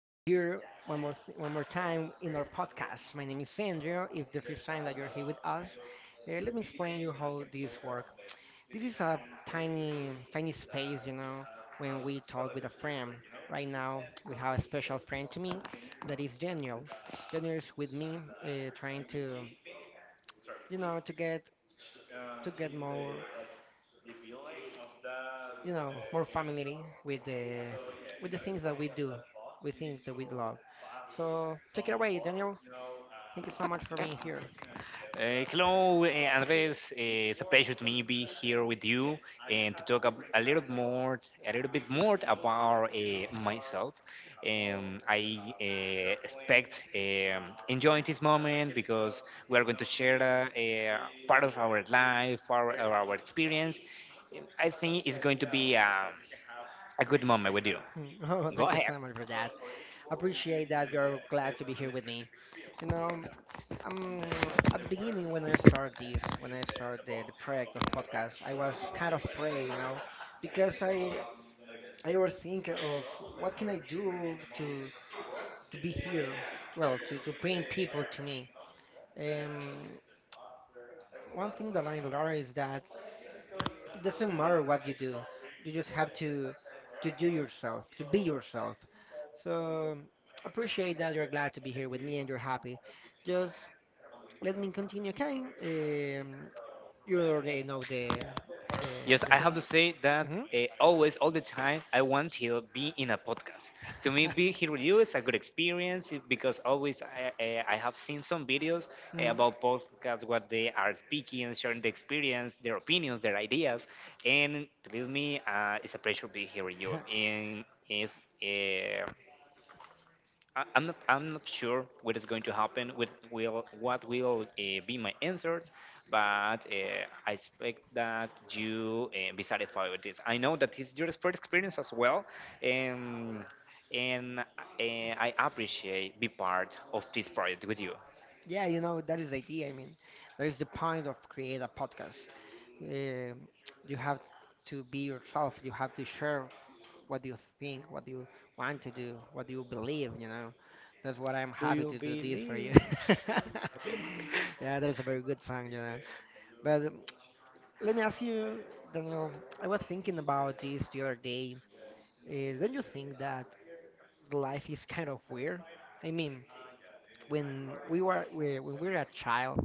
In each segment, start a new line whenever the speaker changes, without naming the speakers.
I'm here one more time in our podcast. My name is Sandro. If the first time that you're here with
Sorry,
us, let me explain you how this works. This is a tiny tiny space, when we talk with a friend. Right now, we have a special friend to me that is Daniel. Daniel is with me, trying you know to get to get
he's the,
more
like, the villain of the,
familiar with the with
yeah,
the things that we do,
boss,
with things that we love.
Boss
So take it away, Daniel. Thank you so much for being here.
Hello, Andres. It's a pleasure to me be here with you and to talk a little more, a little bit more about myself. I expect enjoying this moment because we are going to share a part of our life, part of our experience. I think it's going to be a good moment with you.
Oh,
Go
thank you
ahead.
so much for that. Appreciate that you're glad to be here with me. You know, at the beginning when I started this, when I started the project of podcast, I was kind of afraid, because I overthink of what can I do to be here, well, to bring people to me. Um, One thing that I learned is that it doesn't matter what you do. You just have to do yourself, to be yourself. So appreciate that you're glad to be here with me and you're happy. Just let me continue, okay? Um, you already know the
Yes,
the
I have
thing.
to say that
Hmm,
always, all the time, I want to be in a podcast. To me, be here with you is a good experience because always I have seen some videos
hmm.
about podcasts, what they are speaking, and sharing the experience, their opinions, their ideas. And believe me, it's a pleasure to be here with you. And it's, eh, I'm not sure what is going to happen with will be my answers, but I expect that you be satisfied with this. I know that it's your first experience as well, um, and I appreciate be part of this project with you.
Yeah, you know that is the idea. I mean, that is the point of create a podcast. eh, you have to be yourself. You have to share what you think, what you want to do, what you believe. That's what I'm
Do
happy
you
to do this for you.
believe?
Yeah, that's a very good song. But let me ask you, Daniel, I was thinking about this the other day. Don't you think that life is kind of weird? I mean, when when we were a child,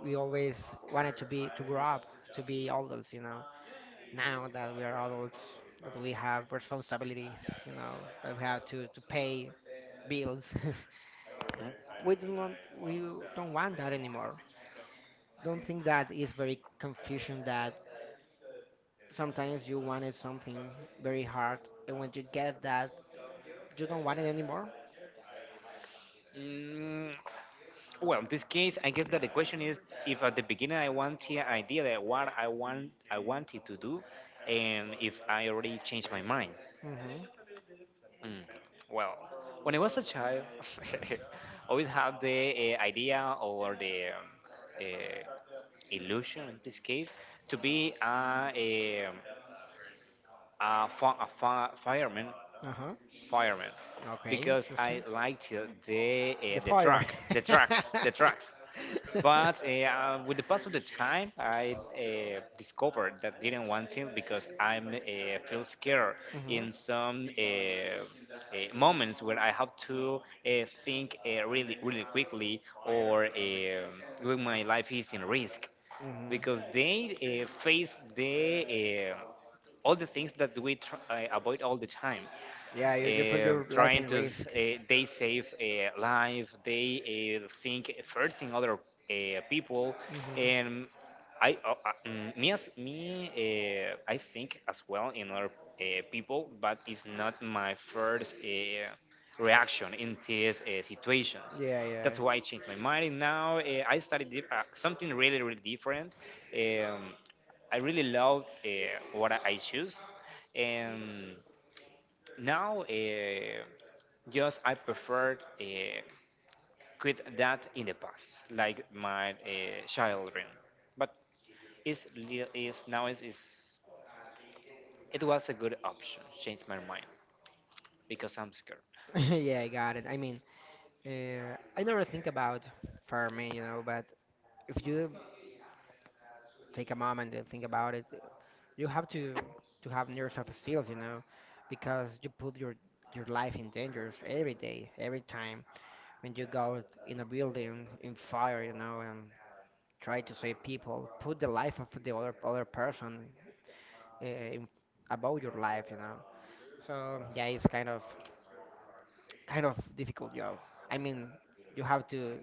we always wanted to grow up, to be adults. Now that we are adults, that we have responsibilities, that we have to pay bills. We don't want that anymore. Don't think that is very confusion that sometimes you wanted something very hard and when you get that you don't want it anymore.
Mm, Well, in this case, I guess that the question is if at the beginning I want the idea that what I want I wanted to do, and if I already changed my mind.
Mm-hmm.
Mm. Well, when I was a child, always had the idea or the uh, illusion in this case to be a, a
Uh-huh.
fireman,
Okay,
because I
interesting.
liked
The
the
fire.
truck, the truck, the trucks. But with the pass of the time, I discovered that didn't want to because I'm feel scared
Mhm.
in some moments where I have to think really, really quickly or when my life is in risk
Mhm.
because they face the all the things that we avoid all the time
Yeah, you put your life
trying
in
to
risk.
they save a life they think first in other people
Hmm.
and me as me I think as well in other people but it's not my first reaction in these situations.
Yeah, yeah.
That's why I changed my mind and now I started something really really different. um, I really love what I choose and now, just I preferred quit that in the past, like my children. But it's, li- it's now it's- it was a good option. Change my mind because I'm scared.
Yeah, I got it. I mean, I never think about farming, but if you take a moment and think about it, you have to have nerves of steel, because you put your life in danger every day, every time when you go in a building in fire, and try to save people, put the life of the other person uh, about your life. So yeah, it's kind of difficult job. I mean, you have to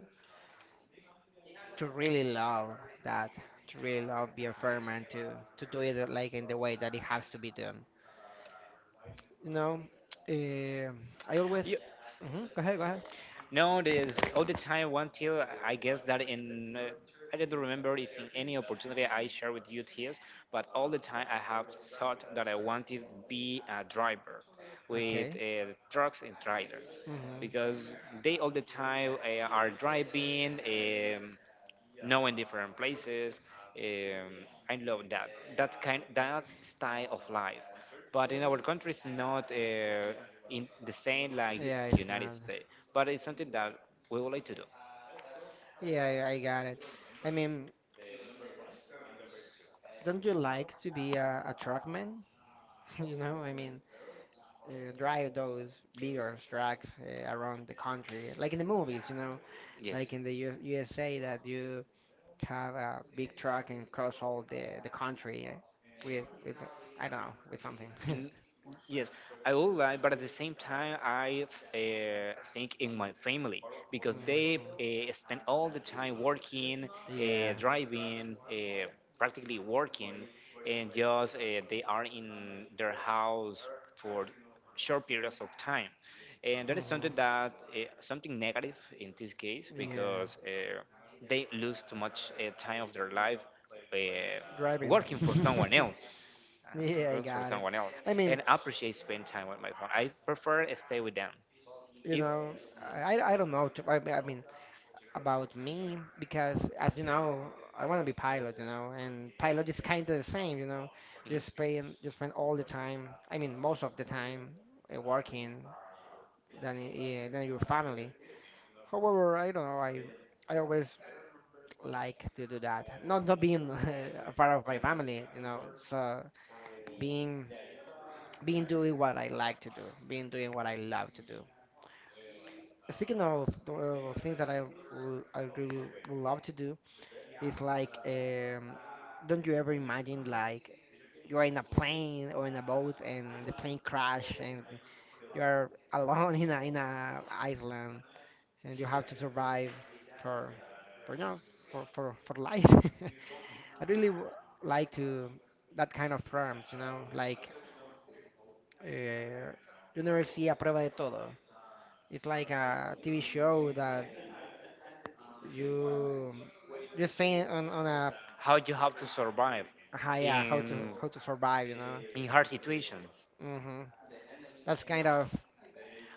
to really love that, to really love being firm and to do it like in the way that it has to be done. You know, uh, I always.
You,
Hmm. Go ahead, go ahead.
No, there's all the time. One till I guess that in I don't remember if in any opportunity I share with you tears, but all the time I have thought that I wanted to be a driver with
Okay.
trucks and trailers
Hmm.
because they all the time are driving. Yeah, knowing different places. Um, I love that style of life. But in our country, it's not in the same like
Yeah,
the
it's
United
not.
States. But it's something that we would like to do.
Yeah, I got it. I mean, don't you like to be a truckman? You know, I mean, drive those bigger trucks around the country, like in the movies,
Yes.
like in the U USA that you have a big truck and cross all the country with I don't know with something.
Mm, Yes, I would like, but at the same time, I think in my family because they
Mhm.
spend all the time working,
Yeah.
driving, practically working, and just they are in their house for short periods of time, and that is
Mhm.
something that something negative in this case
Yeah,
because they lose too much time of their life uh,
driving.
working for someone else
Yeah, I
rooms for
got it.
someone else
I mean,
and appreciate spend time with my phone. I prefer stay with them.
you
If
know, I
Mhm.
I I don't know. To, I mean, about me because as you know I want to be pilot, and pilot is kind of the same, just spend
Mhm.
just spend all the time. I mean, most of the time working than yeah, than your family. However, I don't know, I always like to do that, not being a part of my family, so being being doing what I like to do, being doing what I love to do. Speaking of things that I really would love to do. It's like, don't you ever imagine like you're in a plane or in a boat and the plane crash and you're alone in a island and you have to survive for for you know for life. I really w like to that kind of programs, like uh, you never see a prueba de todo. It's like a TV show that you you see on a
How you have to survive
high how to
in
how to survive,
in hard situations.
hmm That's kind of,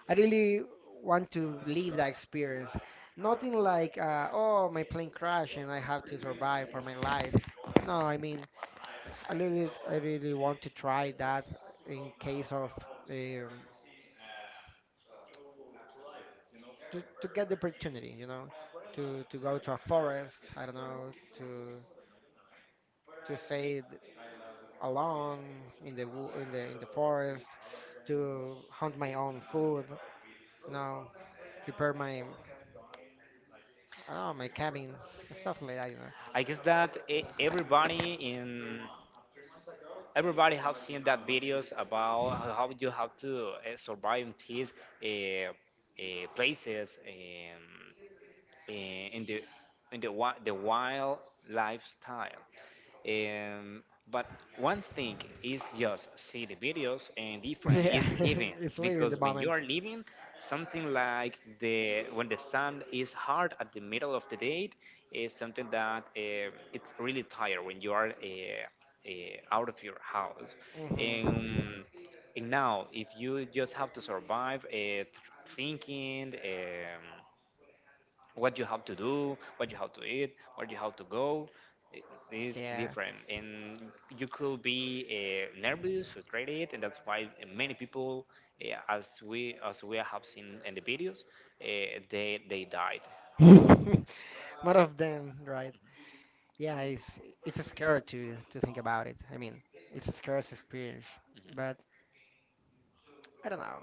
I really want to live that experience. Nothing like, oh, my plane crashed and I have to survive for my life. No, I mean, I really want to try that in case of um, to get the opportunity, to go to a forest. I don't know, to stay alone in the wo- in the forest, to hunt my own food, you know, prepare my I don't know, my cabin, stuff like that.
I guess that everybody have seen that videos about how you have to survive in these uh, places in the the wild lifestyle. Um, but one thing is just see the videos, and different
Yeah,
is living
it's living the
because when you
moment.
are living, something like the when the sun is hard at the middle of the day is something that it's really tired when you are out of your house.
Hmm.
And, and now, if you just have to survive thinking. What you have to do, what you have to eat, where you have to go i- is Yeah,
Yeah.
different. And you could be nervous, frustrated, and that's why many people, as we have seen in the videos, they they died.
More of them, right? Yeah, it's scary to think about it. I mean, it's a scarce experience, but I don't know.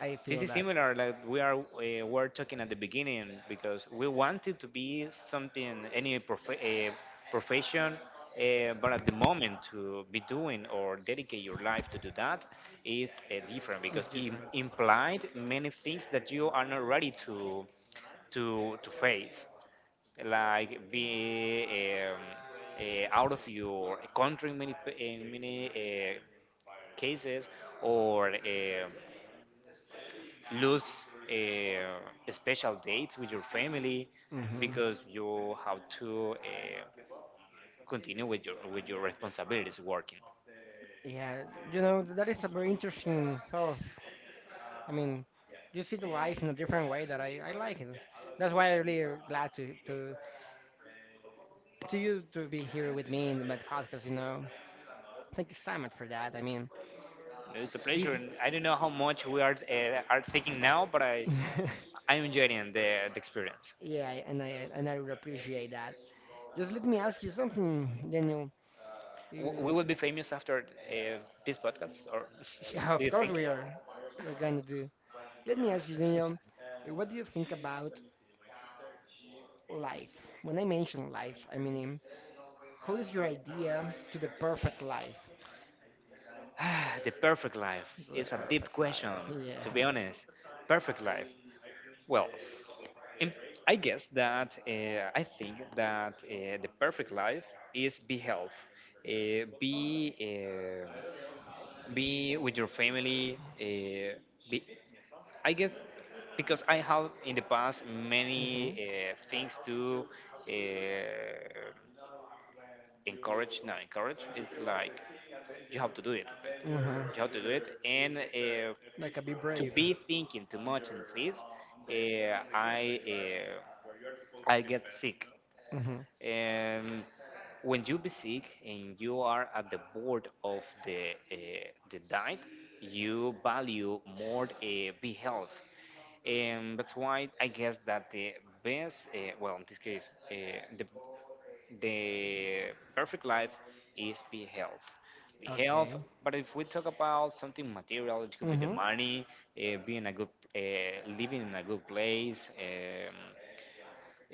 I
This
feel
is
that
similar, like we are were talking at the beginning, because we wanted to be something, any profession, but at the moment to be doing or dedicate your life to do that is different
it's
because it
different.
implied many things that you are not ready to to face, like be out of your country in many in many cases, or lose special dates with your family
Hmm.
because you have to continue with your responsibilities working.
Yeah, that is a very interesting thought. Of, I mean, you see the life in a different way that I like it. That's why I'm really glad to be here with me in the podcast. Thank you so much for that. I mean,
It's a pleasure,
this,
and I don't know how much we are thinking now, but I'm enjoying the experience.
yeah, and I really appreciate that. Just let me ask you something, Daniel.
We
You,
will be famous after this podcast, or
yeah,
do
of
you
course
think?
we're gonna do. Let me ask you, Daniel, what do you think about life? When I mention life, I mean, how is your idea to the perfect life?
Ah, the perfect life
The
is a deep
perfect life,
question,
yeah.
to be honest. Perfect life. Well, and I guess that I think that the perfect life is be health, uh, be uh, be with your family. Be, I guess because I have in the past
Mm-hmm.
many things to uh, encourage no encourage is like you have to do it
Mm-hmm.
you have to do it and
Like a be
to
brave.
be thinking too much in this uh, I get sick
Mm-hmm.
um, when you be sick and you are at the board of the diet, you value more be health, and that's why I guess that the best, well, in this case, the the perfect life is be health
Okay.
but if we talk about something material it could be the
Mm-hmm.
money being a good uh, living in a good place um,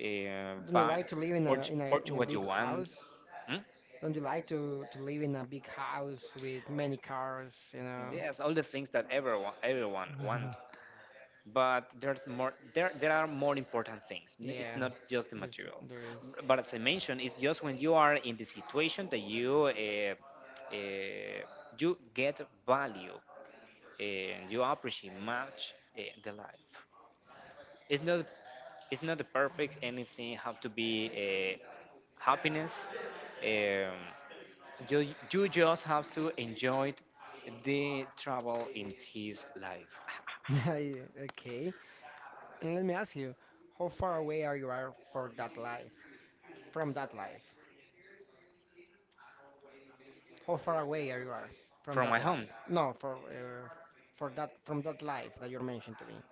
uh,
Don't you
buy
like to live in a in a in
purchase
a
what you
big
want.
house?
Hmm?
Don't you like to live in a big house with many cars, you know?
Yes, all the things that everyone want. But there's more. There are more important things. It's
Yeah,
not just the material.
there is.
But as I mentioned, it's just when you are in the situation that you uh, you get value and you appreciate much the life. It's not it's not the perfect anything. Have to be happiness. Um, You, you just have to enjoy the travel in his life
Yeah, okay. And let me ask you, how far away are you are for that life? From that life? How far away are you are from
from
that
my
life?
home.
No, for that from that life that you mentioned to me.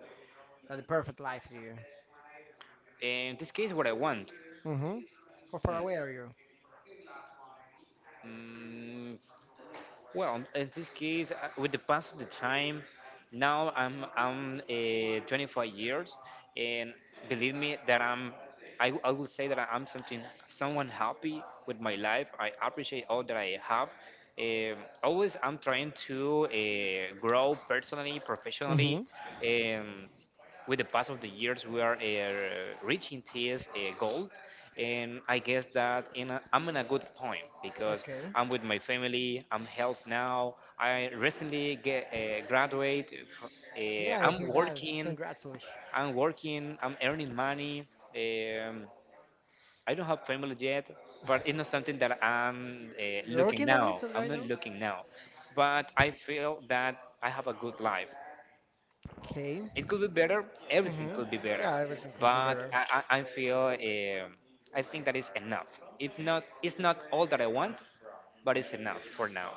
That the perfect life to you.
In this case, what I want.
Mm-hmm. How far away are you?
Mm, well, in this case, with the pass of the time, now I'm 25 years, and believe me that I will say that I'm something someone happy with my life. I appreciate all that I have. Always I'm trying to grow personally,
Mm-hmm.
professionally. Um, with the pass of the years, we are reaching these goals. And I guess that I'm in a good point because
Okay.
I'm with my family. I'm health now. I recently get graduate. fr-
Yeah, I
I'm
hear that.
working.
Congratulations.
I'm earning money. Um, I don't have family yet, but it's not something that I'm
You're
looking
working on it
now. I'm
right
not
now?
looking now, but I feel that I have a good life.
Okay.
It could be better. Everything
Mm-hmm.
could be better,
Yeah, everything could be
but
better.
I feel I think that is enough. If not, it's not all that I want, but it's enough for now.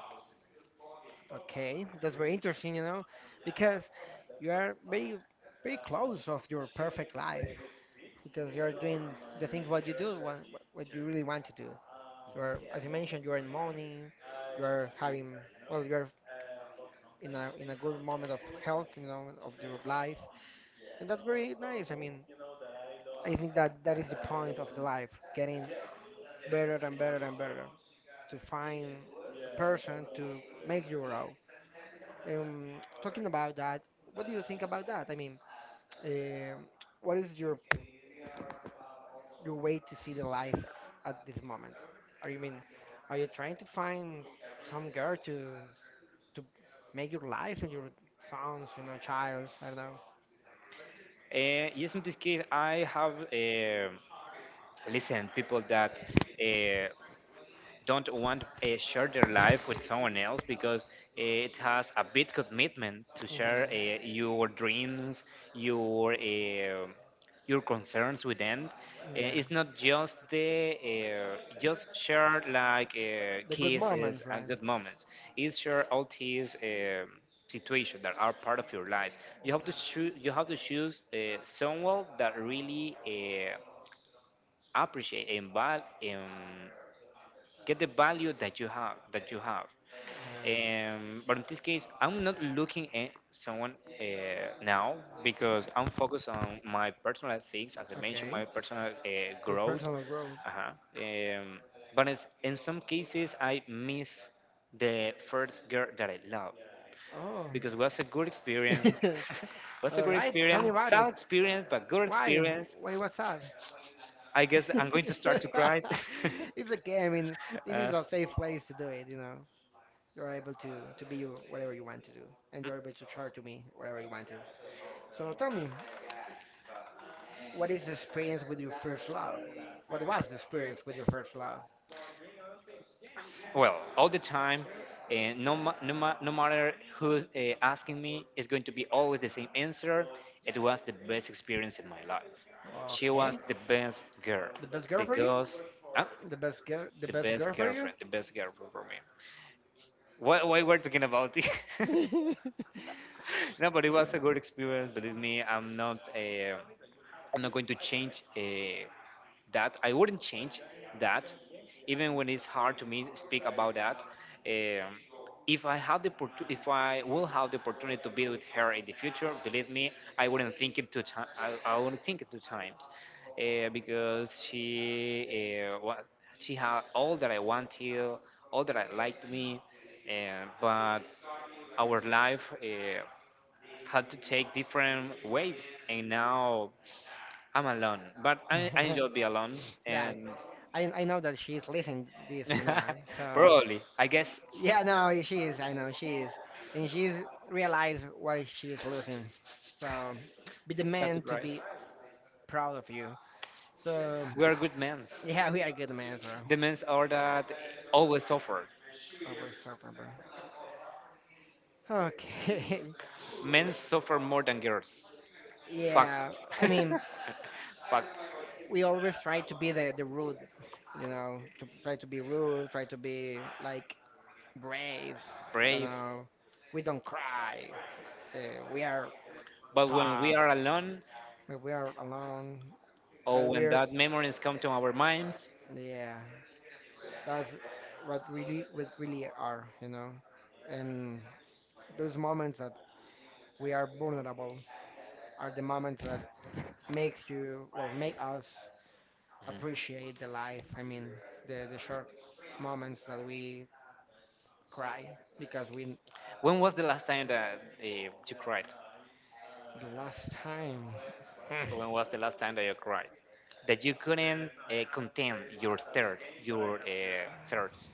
Okay, that's very interesting, because you are very, very close of your perfect life because you are doing the thing what you do, what you really want to do. You are, as you mentioned, you are in money, you are having, well, you are in a good moment of health, of your life, and that's very nice. I mean, I think that that is the point of the life, getting better and better and better, to find a person to make you grow. Talking about that, what do you think about that? I mean, um, what is your way to see the life at this moment? Are you mean, are you trying to find some girl to make your life and your sons, childs? I don't know.
Yes, in this case, I have listened people that uh, don't want to share their life with someone else because it has a big commitment to
Hmm.
share your dreams, your uh, your concerns with them.
Yeah,
It's not just the just share like
the good
kisses
moments,
and
right?
good moments. It's share all these situations that are part of your lives. You have to choose.
Mhm.
You have to choose someone that really appreciate and value get the value that you have
Yeah.
but in this case I'm not looking at someone now because I'm focused on my personal things as I mentioned
Okay,
my personal
your
growth
personal growth.
uh-huh. um, but it's, in some cases I miss the first girl that I love
Oh,
because it was a good experience was a
all
good
right. Tell me
experience
about it.
sad experience but good
Why?
experience
Why? What's that?
I guess I'm going to start to cry.
It's okay. I mean, this
Uh,
is a safe place to do it. You know, you're able to be you whatever you want to do, and you're able to charge to me whatever you want to. So tell me, what is the experience with your first love? What was the experience with your first love?
well all the time and no, no matter who's asking me it's going to be always the same answer it was the best experience in my life she
Okay,
was the best girl
the best girl
the
for you?
girls huh?
The best girl? The
the
best
best
girl for you?
girlfriend the best girlfriend for me. Why we're talking about this? No, but
Uh,
it was a good experience, believe me. I'm not going to change that. I wouldn't change that, even when it's hard to me speak about that. Um, if I had the opportu- if I will have the opportunity to be with her in the future, believe me, I wouldn't think it two times. I wouldn't think it two times, because she she had all that I wanted, all that I liked me, but our life had to take different waves, and now I'm alone, but I enjoy be alone
That
and
I know that she's listening this now. So
probably I guess
yeah, no, she is. I know she is, and she's realized what she is losing. So be the
start to
man to
cry.
be proud of you. So
We are good men.
yeah, we are good man for
The men are that always suffer.
our server, bro. Okay.
Men suffer more than girls. Fact.
Yeah, I mean,
Fact.
we always try to be the rude, to try to be rude, try to be like brave. I don't
Brave.
know. We don't cry. We are
But when we are alone
But we are alone.
or
But
when
we're,
that memories come to our minds,
yeah, that's what really are. And those moments that we are vulnerable are the moments that make us appreciate the life. I mean, the short moments that we cry because we,
when was the last time that you cried?
the last time,
When was the last time that you cried? That you couldn't contain your thirst, your thirst?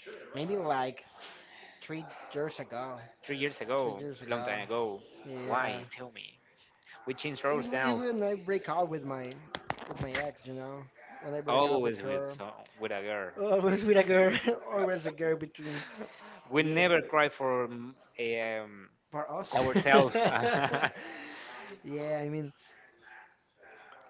maybe like 3 years ago,
3 years
three
ago,
years
long
ago,
time ago.
yeah.
Why? Tell me. We changed
It,
roles
w- it
now.
when I break out
Always
with my ex, you know, when I break out with
with
her,
some, with a girl.
always with a girl, always a girl between,
We
yeah,
never cry for um,
for us.
ourselves.
Yeah, I mean,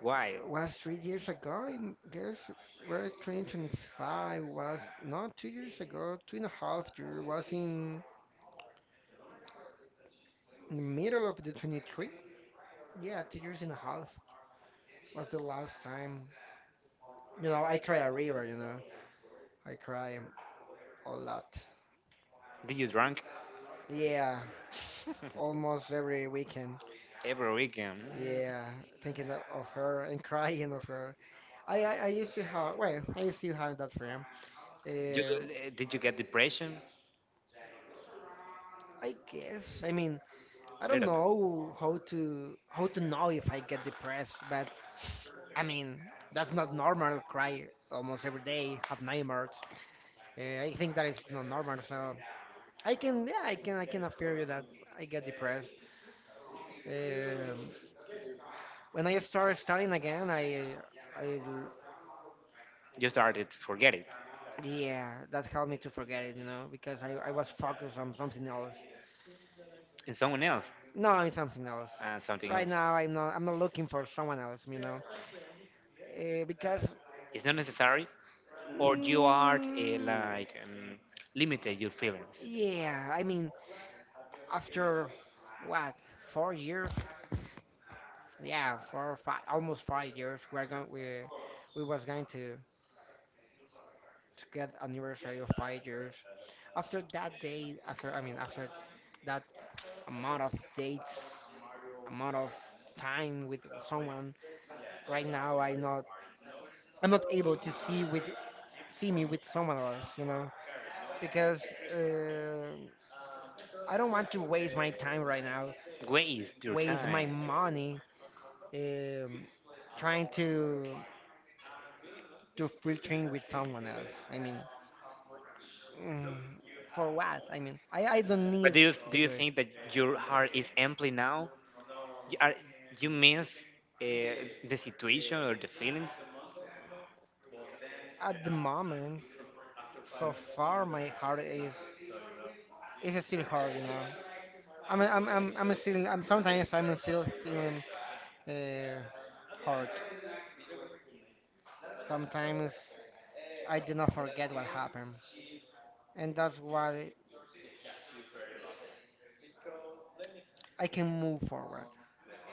Why?
was 3 years ago. I guess we're 2025 was not 2 years ago, two and a half year was in the middle of the 23. Yeah, 2 years and a half was the last time. You know, I cry a river. You know, I cry a lot.
Did you drunk
Yeah, almost every weekend.
every weekend?
Yeah, thinking of her and crying of her. I used to have, well, I still have that friend. Um,
Did you get depression?
I guess, I mean, I
I
don't
Little
know
bit.
how to know if I get depressed, but I mean, that's not normal. Cry almost every day, have nightmares. I think that is not normal. So I can, yeah, I can assure you that I get depressed. Um, when I started studying again, I
You started to forget it,
yeah, that helped me to forget it, you know, because I was focused on something else.
and someone else,
No, it's something else.
and something
Right
else.
now, I'm not looking for someone else, you know, because
It's not necessary, or you are
mm,
like limited your feelings.
yeah, I mean, after what 4 years? Yeah, 4, 5 almost 5 years. We was going to get anniversary of 5 years. After that day, after that amount of dates, amount of time with someone right now I'm not able to see me with someone else, you know, because I don't want to waste my time right now,
Waste your
waste my
time.
money um, trying to do filtering with someone else. I mean, mm, for what? I mean, I don't
But to
need
do you do
to
know. You
do it
think that your heart is empty now? Y- Are, you miss uh, the situation or the feelings?
at the moment. So far, my heart is still hard, you know. I'm still I'm sometimes I'm still feeling. Uh, Hurt. Sometimes I did not forget what happened, and that's why I can move forward.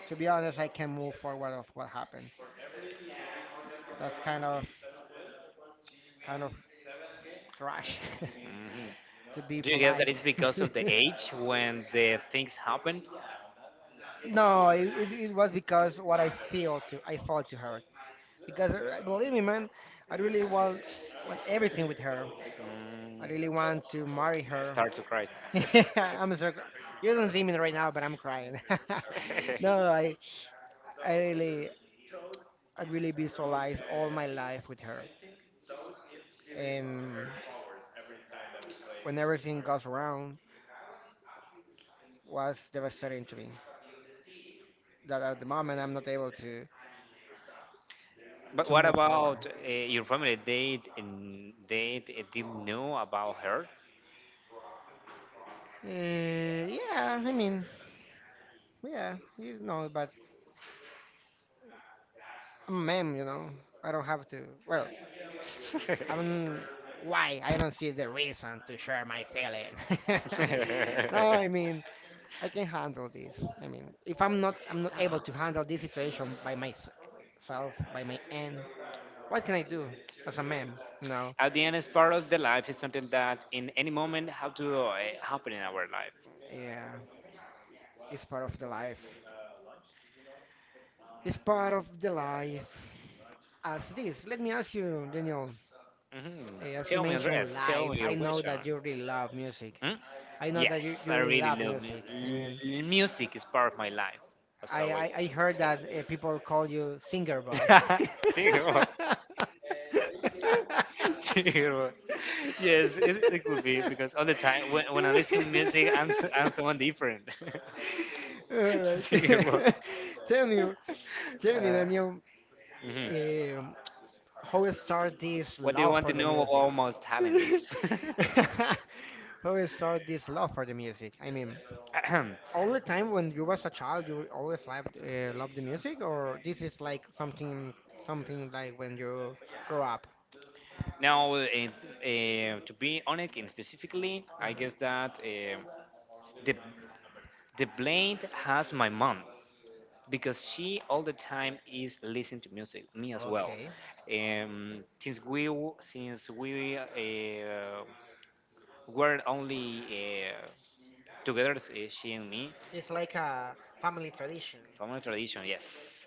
To be honest, I can move forward of what happened. That's kind of trash, to be
Mhm. Do you guess that
polite.
it's because of the age when the things happened?
No, it was because what I felt to her. Because believe me, man, I really want everything with her.
Mm,
I really want to marry her.
Start to cry.
I'm so cr- you don't see me right now, but I'm crying. No, I really I really visualize all my life with her. And when everything goes wrong, was devastating to me. That at the moment I'm not able to
But
to
what
move forward.
about your family? They didn't know about her.
Yeah, I mean, yeah, you know, but I'm a man, you know. I don't have to. Well, I'm. Why? I don't see the reason to share my feeling. No, I mean, I can handle this. I mean, if I'm not able to handle this situation by myself, by my end. What can I do as a man? You know,
At the end, it's part of the life. It's something that in any moment have to happen in our life.
yeah, it's part of the life. It's part of the life. As this, let me ask you, Daniel.
hmm
As you
Tell me, Andres.
mentioned
Tell me
live,
your
I know
question.
that you really love music.
Hmm?
I know that you,
Yes,
you
I
really
really
love
love
music. I mean,
music. Is part of my life. So,
I,
always.
I, I heard that people call you singer boy.
Sí, bro. Sí, bro. Yes, it could be because all the time when I listen to music, I'm someone different.
All right.
Sí, bro.
Tell me, Tell me,
Uh,
Daniel,
mhm.
um, how start this
What do you
love
want to
for the
know about
music?
my talents?
How you start this love for the music? I mean, all the time when you was a child, you always loved the music, or this is like something like when you grow up?
Now, to be honest and specifically, I
Uh-huh.
guess that the the blame has my mom, because she all the time is listening to music, me as well.
Okay.
Since we were only together, she and me.
It's like a family tradition.
Family tradition, yes.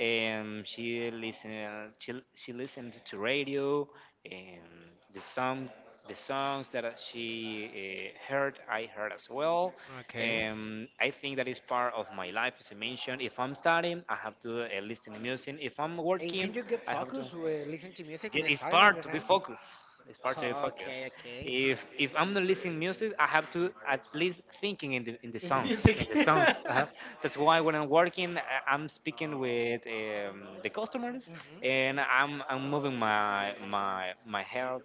She listened. She listened to radio, and the song, the songs that she heard, I heard as well.
Okay.
I think that is part of my life, as I mentioned. If I'm studying, I have to listen to music. If I'm And
And
working,
can you get
I have to.
focused with listen to music
Yeah,
and
it's
sign at
part
the
to be
time?
focused. It's part of the focus.
Okay, okay.
If I'm not listening music, I have to at least thinking in the
In the
songs,
music.
in Music. The songs. That's why when I'm working, I'm speaking with the customers,
Mhm.
and I'm moving my head,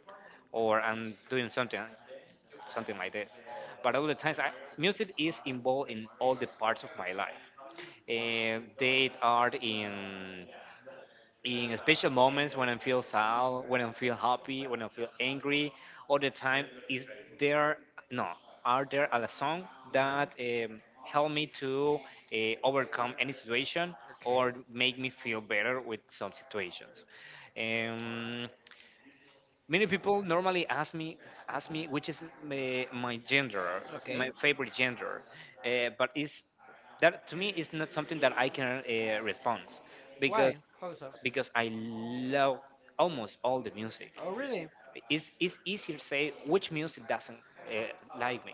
or I'm doing something like this. But all the times, music is involved in all the parts of my life. They are in special moments when I feel sad, when I feel happy, when I feel angry, all the time is there. No, are there a song
Mhm.
that help me to uh, overcome any situation
Okay.
or make me feel better with some situations? Um, Many people normally ask me ask
Mhm.
me which is my gender. Okay. My
Okay.
favorite gender, but is that to me is not something that I can respond, because
Why? How so?
because I love almost all the music.
Oh, really?
It's easier to say which music doesn't like me.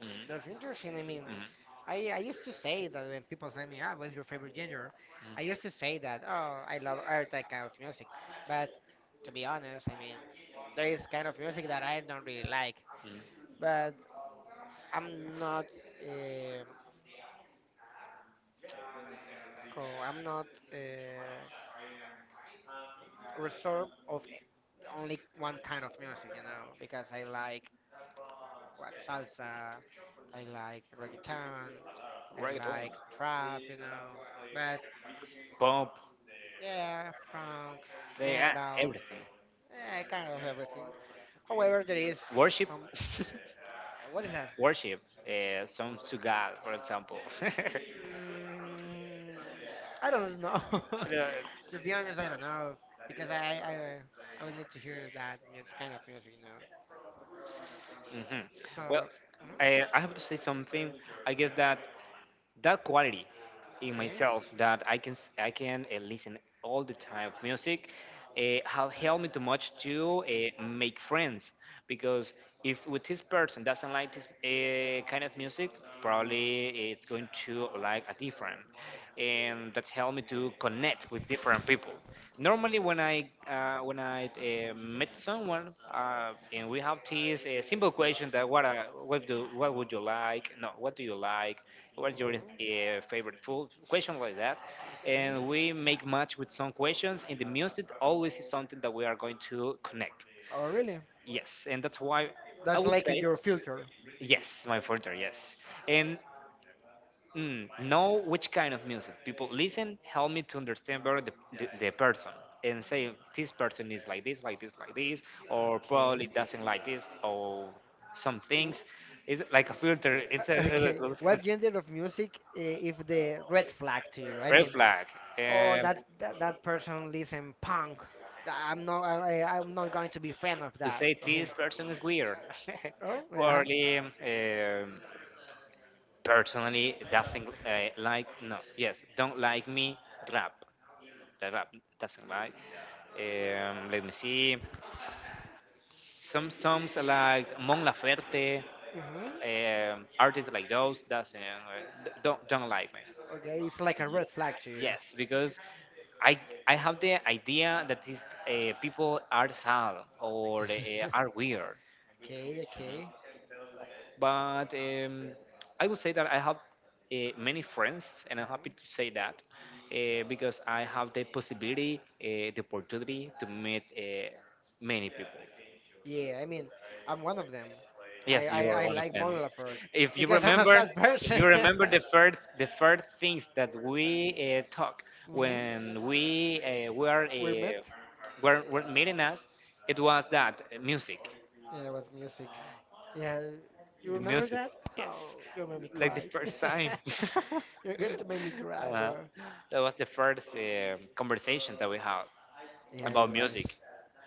Mhm.
That's interesting. I mean,
Mhm.
I used to say that when people say me, what's your favorite genre? I used to say that, oh, I love every type kind of music. But to be honest, I mean, there is kind of music that I don't really like.
Mhm. Mhm.
But I'm not, uh, I'm not uh, reserved of only one kind of music, you know, because I like what salsa, I like reggaeton, I
Reggaeton,
like trap, you know. But
pop,
yeah, punk,
they are
metal.
everything.
Kind of everything. However, there is
Worship
some. What is that?
worship songs to god, for example.
Mm, I don't know.
Hmm,
To be honest, I don't know because I will need to hear that music, kind of music, you know.
well,
So, mhm, okay.
I have to say something. I guess that that quality in
Mhm,
myself that I can listen all the time of music have helped me too much to make friends, because if with this person doesn't like this kind of music, probably it's going to like a different, and that helped me to connect with different people. Normally, when I meet someone, and we have teas, a simple question that what would you like? No, what do you like?
okay.
What's your favorite food? Question like that, and we make match with some questions. And the music always is something that we are going to connect.
Oh, really?
Yes, and that's why I
That's
would
like
say
your filter.
yes, my further yes. And know which kind of music people listen help me to understand better the person, and say this person is like this, like this, like this, or
Okay.
probably doesn't like this, or some
W-
things. It's like a filter. It's a, a
Okay.
a
What gender of music is the red flag to you? I
red
mean,
flag,
oh,
um,
that person listen punk. I'm not. I'm not going to be fan of
to
that
say
of him.
this person is weird.
Oh, yeah.
Probably personally doesn't like, no, yes, don't like me rap. The rap doesn't like. Let me see, some songs like Mon Laferte,
Mhm.
artists like those doesn't don't like me.
Okay, it's like a red flag to you.
Yes, because I I have the idea that these people are sad or are weird.
Okay.
Mhm.
Okay.
But I would say that I have many friends, and I'm
Mhm.
happy to say that, because I have the possibility, the opportunity to meet many people.
Yeah, I mean, I'm one of them. I,
Yes, you
I, I
are one of
like Mon
them.
Laferte
If you
because I'm a
remember,
sad
if
person.
you remember the first things that we talk
Hmm.
when we uh, were,
We met.
uh, were were meeting us, it was that music,
Yeah, with music. Yeah, you
the
remember
music.
that?
Yes,
Oh, you made me
like the
cry.
first time.
You're going to make me cry,
uh,
bro.
that was the first conversation that we had
Yeah, it
about
was
music.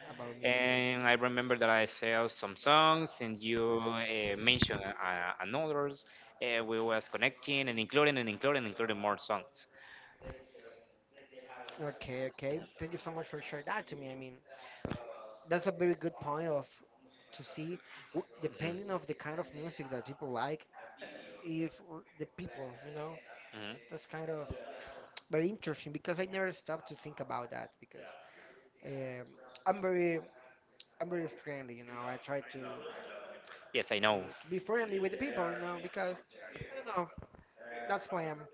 about music.
And I remember that I sell some songs, and you mentioned another. We was connecting and including more songs.
Okay, okay. Thank you so much for sharing that to me. I mean, that's a very good point of to see,
Mhm,
depending of the kind of music that people like, if r- the people, you know,
mhm.
that's kind of very interesting because I never stopped to think about that because um, I'm very I'm very friendly, you know. I try to,
Yes, I
to
know.
to be friendly with the people, you know, because I don't know, that's who I am.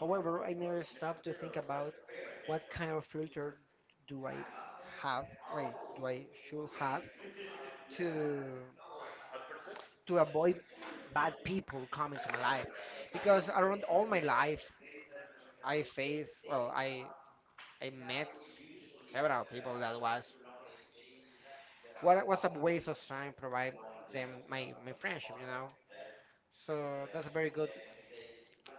However, I never stopped to think about what kind of filter do I have, wait, do I should have to to avoid bad people coming to my life because around all my life I face, well, I met several people that was a waste of time provide them my friendship, you know, so that's a very good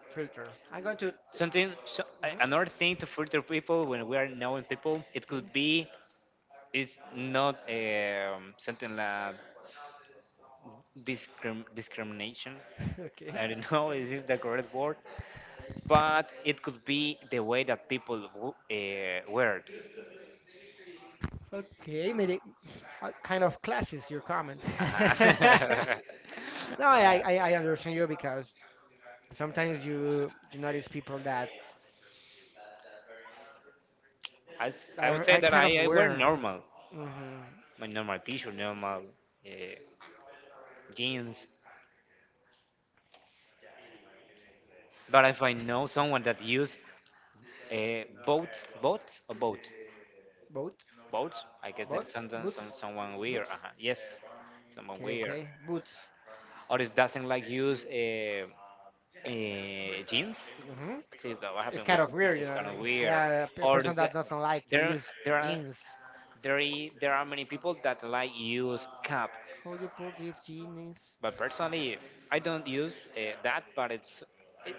filter. i'm going to t- mhm,
Another thing to filter people when we are knowing people, it
okay
could be is not something like discrimination.
Okay,
I don't know, is it the correct word, but it could be the way that people wear.
okay. Maybe how kind of classes your comment.
Uh-huh. Yeah.
No, I understand you because sometimes you notice people that
I
are,
would say
are
that
kind of
I wear
aware.
normal,
Mm-hmm.
my normal t-shirt, normal uh, jeans. But if I know someone that use uh, both, both or both,
Both,
both, I guess that's
boats, boots,
someone weird.
boots.
Uh-huh. Yes, someone
Okay,
weird.
okay. Boots.
Or if doesn't like use jeans,
Hmm.
see that what
It's
happened with,
kind of weird, you
it's kind
know.
of weird.
Yeah, a
Or is
person
that
that doesn't like to
there,
use
there are.
jeans.
There are many people that like use cup,
How you put these jeans?
but personally, I don't use that. But it's it,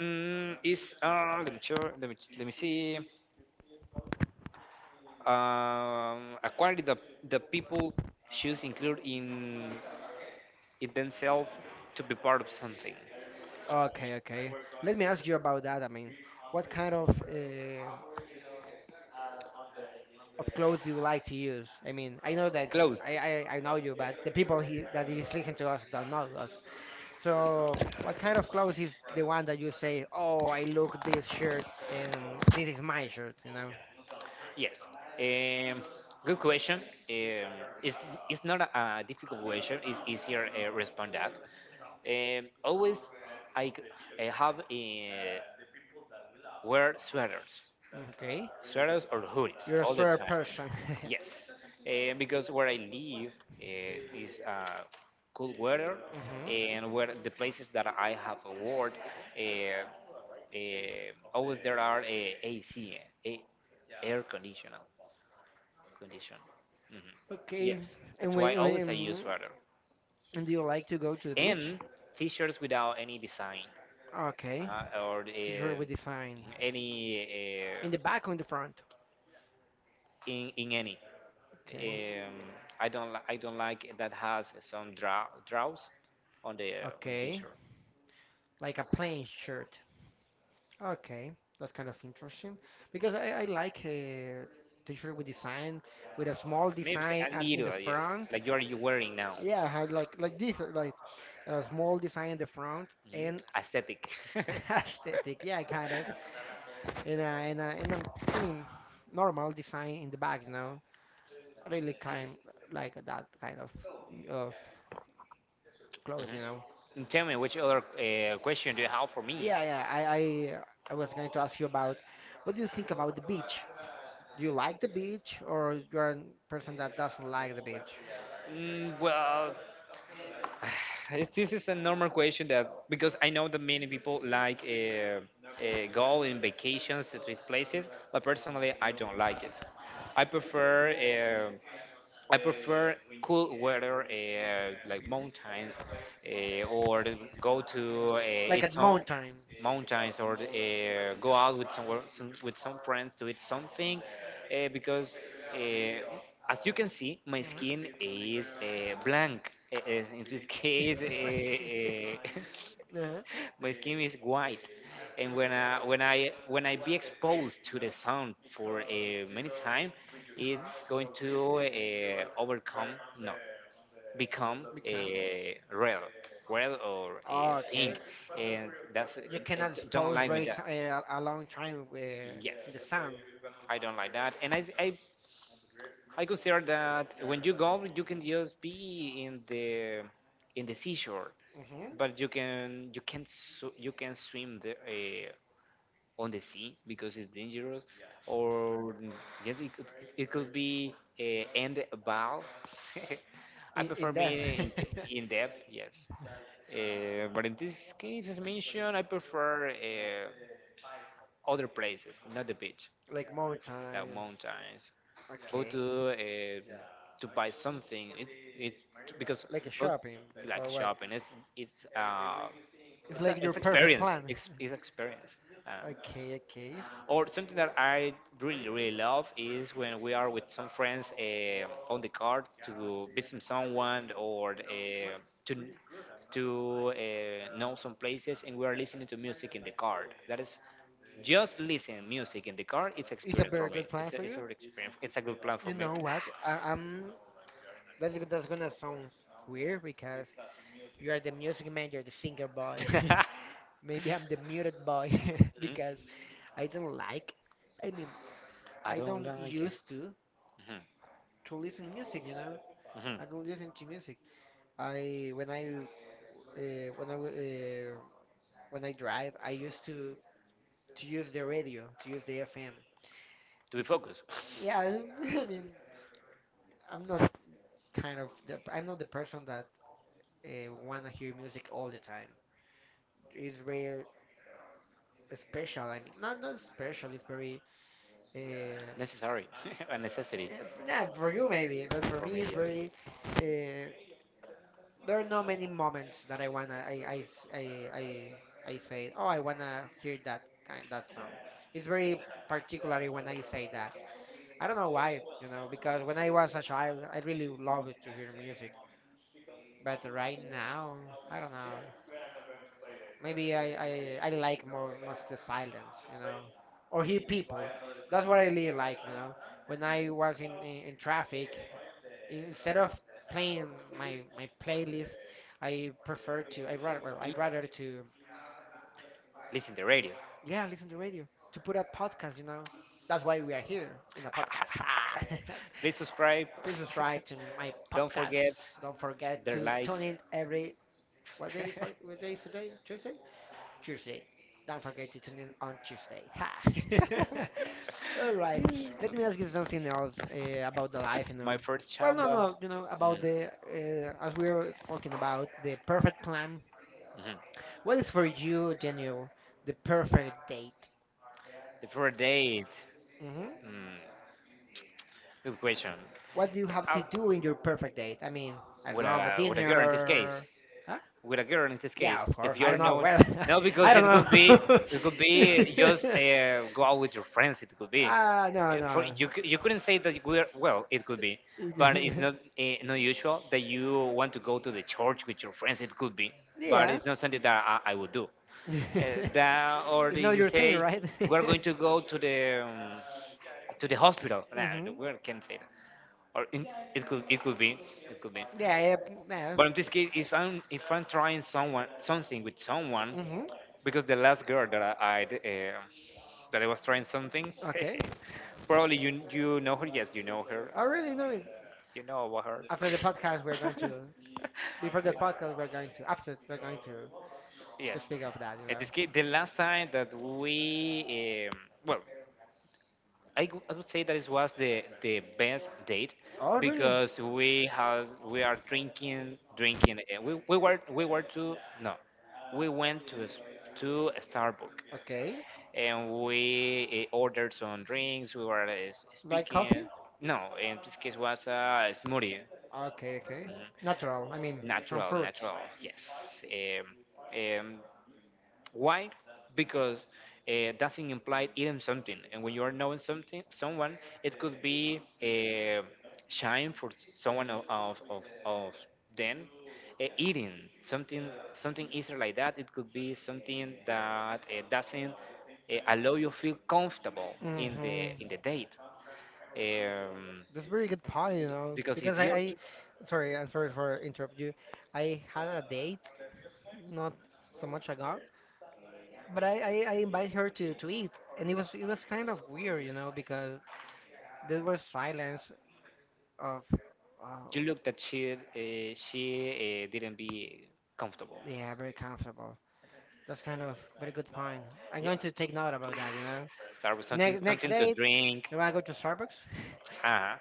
mm, it's let me sure, let me see. A quality that the people should include in themselves to be part of something.
Okay, okay. Let me ask you about that. I mean, what kind of clothes do you like to use? I mean, I know that
Clothes.
I know you, but the people that is listening to us don't know us. So, what kind of clothes is the one that you say, "Oh, I look this shirt, and this is my shirt," you know?
Yes. Um, Good question. Um, it's, it's not a difficult question. It's easier respond that. Always, I, g- I have wear
Okay,
sweaters or hoodies
you're a
all the
straight
time.
person.
Yes, because where I live is cool weather,
Hmm.
and where the places that I have worked, uh, always there are AC, uh, air conditioner, condition. Mm-hmm.
Okay.
That's
And
why always I use
when
rather.
and do you like to go to the beach?
And t-shirts without any design,
Okay.
or
T-shirt with design.
any
In
uh,
the back or in the front?
In the in
Okay.
any. Um, I don't like that has some draws on the
Okay.
t-shirt.
Like a plain shirt. Okay. That's kind of interesting because I like a t-shirt with design, with a small
Maybe
design
a
in the
little yes,
front.
like you wearing now.
Yeah, I had like this like a small design in the front
Mhm.
and
Aesthetic.
aesthetic. Yeah, kind of. And I mean normal design in the back, you know. Really kind like that kind of clothes, you know.
Mhm. Tell me, which other question do you have for me?
Yeah, yeah. I was going to ask you about what do you think about the beach? Do you like the beach, or you're a person that doesn't like the beach?
Well, this is a normal question that because I know that many people like go in vacations to these places, but personally I don't like it. I prefer. Uh, I prefer cool weather, like mountains, or go to Like
Like
eat a
at
some mountain.
mountain.
Mountains, or go out with some with some friends to eat something, because uh, as you can see, my
Mhm.
skin is blank. In this case,
My skin. Uh-huh.
my skin is white, and when I be exposed to the sun for a many time,
Hmm.
it's going to overcome, no, become
Become.
a red, red or
Oh,
a
okay.
pink, and that's
You cannot
don't
expose
like me that.
a long time in the
Yes,
sun.
I don't like that, and I consider that when you go, you can just be in the seashore,
Hmm.
but you can swim the, on the sea because it's dangerous, or yes, it could be end bow. I
In,
prefer
in depth.
being in, in depth, yes. But in this case, as mentioned, I prefer. Other places, not the beach, the
Like
like
mountains.
mountains. Go Okay.
Okay.
Uh, to buy something. It's because
Like a
go
shopping
like
or what?
shopping. It's uh
It's
it's a,
like your
it's
perfect
experience.
plan.
It's experience. Okay,
Okay, okay.
or something that I really really love is when we are with some friends on the car to visit someone or to to know some places, and we are listening to music in the car. That is just listen music in the car. It's Is
It's a
it
very good plan for
good
you.
experience. It's a good plan.
You know what? I, I'm. That's go- that's gonna sound weird because you are the music man. You're the singer boy.
I
Maybe I'm the muted boy because I don't like. I mean, I don't used to
Mhm,
to listen music. You know, I don't listen to music. I when I uh, when I w- uh, when I drive, I used to use the radio, to use the FM.
to be focused,
Yeah, I mean, I'm not I'm not the person that wanna hear music all the time. It's very special. I mean, not special. It's very uh, eh,
necessary, a necessity.
nah, for you maybe, but for me it's very uh, there are not many moments that I wanna I s- I say, oh, I wanna hear that song. It's very particularly when I say that. I don't know why, you know, because when I was a child, I really loved to hear music. But right now, I don't know. Maybe I like more most the silence, you know, or hear people. That's what I really like, you know. When I was in traffic instead of playing my playlist, I prefer to I rather well,
Y-
I'd rather to
Listen to radio.
yeah listen to radio to put up podcasts. You know, that's why we are here in the podcast.
Podcast.
Ah.
Okay? Please subscribe.
Please subscribe to my
Don't
podcast.
forget
Don't forget
their
to tune
likes.
in every what day is what day is today? Tuesday. Tuesday. Don't forget to tune in on Tuesday. Ha!
is Say?
All right. Let me ask you something else about the life, you
My
know.
first
Well,
chamba.
no, no, you know,
Mm,
as we are talking about the perfect plan. What is for you, Daniel, the perfect date?
the about mhm. The first date.
hmm
Mm, good question.
What do you have to
Uh,
do in your perfect date? I mean, I don't
with
know, but
with a girl in this case.
dinner. Huh?
With a girl in this case,
Yeah, of
if
course.
course.
I don't
You're
know.
known,
Well,
well, no, I because
I
I
don't
it could be
know.
it could be just go out with your friends. It could be.
Ah, no,
For
no.
you couldn't say that we're well it could be, but it's not usual that you want to go to the church with your friends. It could be, but
Yeah.
it's not something that I would do uh,
It's
that, or that
not
you
your thing,
say
right?
we're going to go to the hospital. Nah,
Mhm.
we can't say that, or in, it could be it could be,
Yeah, yeah. Yeah.
but in this case, if I'm trying someone something with someone,
Mhm.
because the last girl that I that I was trying something.
Okay.
Probably you know her. Yes, you know her.
I really know it.
You know about her.
After the podcast, we're going to. Before the podcast, we're going to. After, we're going to
Yes.
speak of that. You
In
know.
this case, the last time that we, well, I would say that it was the best date
Oh, really?
because we had we are drinking. Uh, we were to no, we went to to Starbucks,
Okay.
and we ordered some drinks. We were like
Like
speaking.
coffee?
No, in this case was a smoothie. Okay,
Okay,
mhm,
okay. Natural. I
with
mean, from
natural,
fruits.
natural, right? Yes. Um, um, why? Because doesn't imply eating something, and when you are knowing something, someone, it could be shame for someone of them eating something something easier like that. It could be something that doesn't allow you feel comfortable
Mhm.
in the date, um,
That's very good point, you know,
because if
because
you
sorry, I'm sorry for interrupt you. I had a date not so much ago, but I invite her to eat, and it was kind of weird, you know, because there was silence of, uh,
you look that she didn't be comfortable.
yeah, very comfortable. That's kind of very good point. I'm
Yeah,
going to take note about that, you know.
start with something
Next
something to
date,
drink.
you wanna go to Starbucks?
Uh,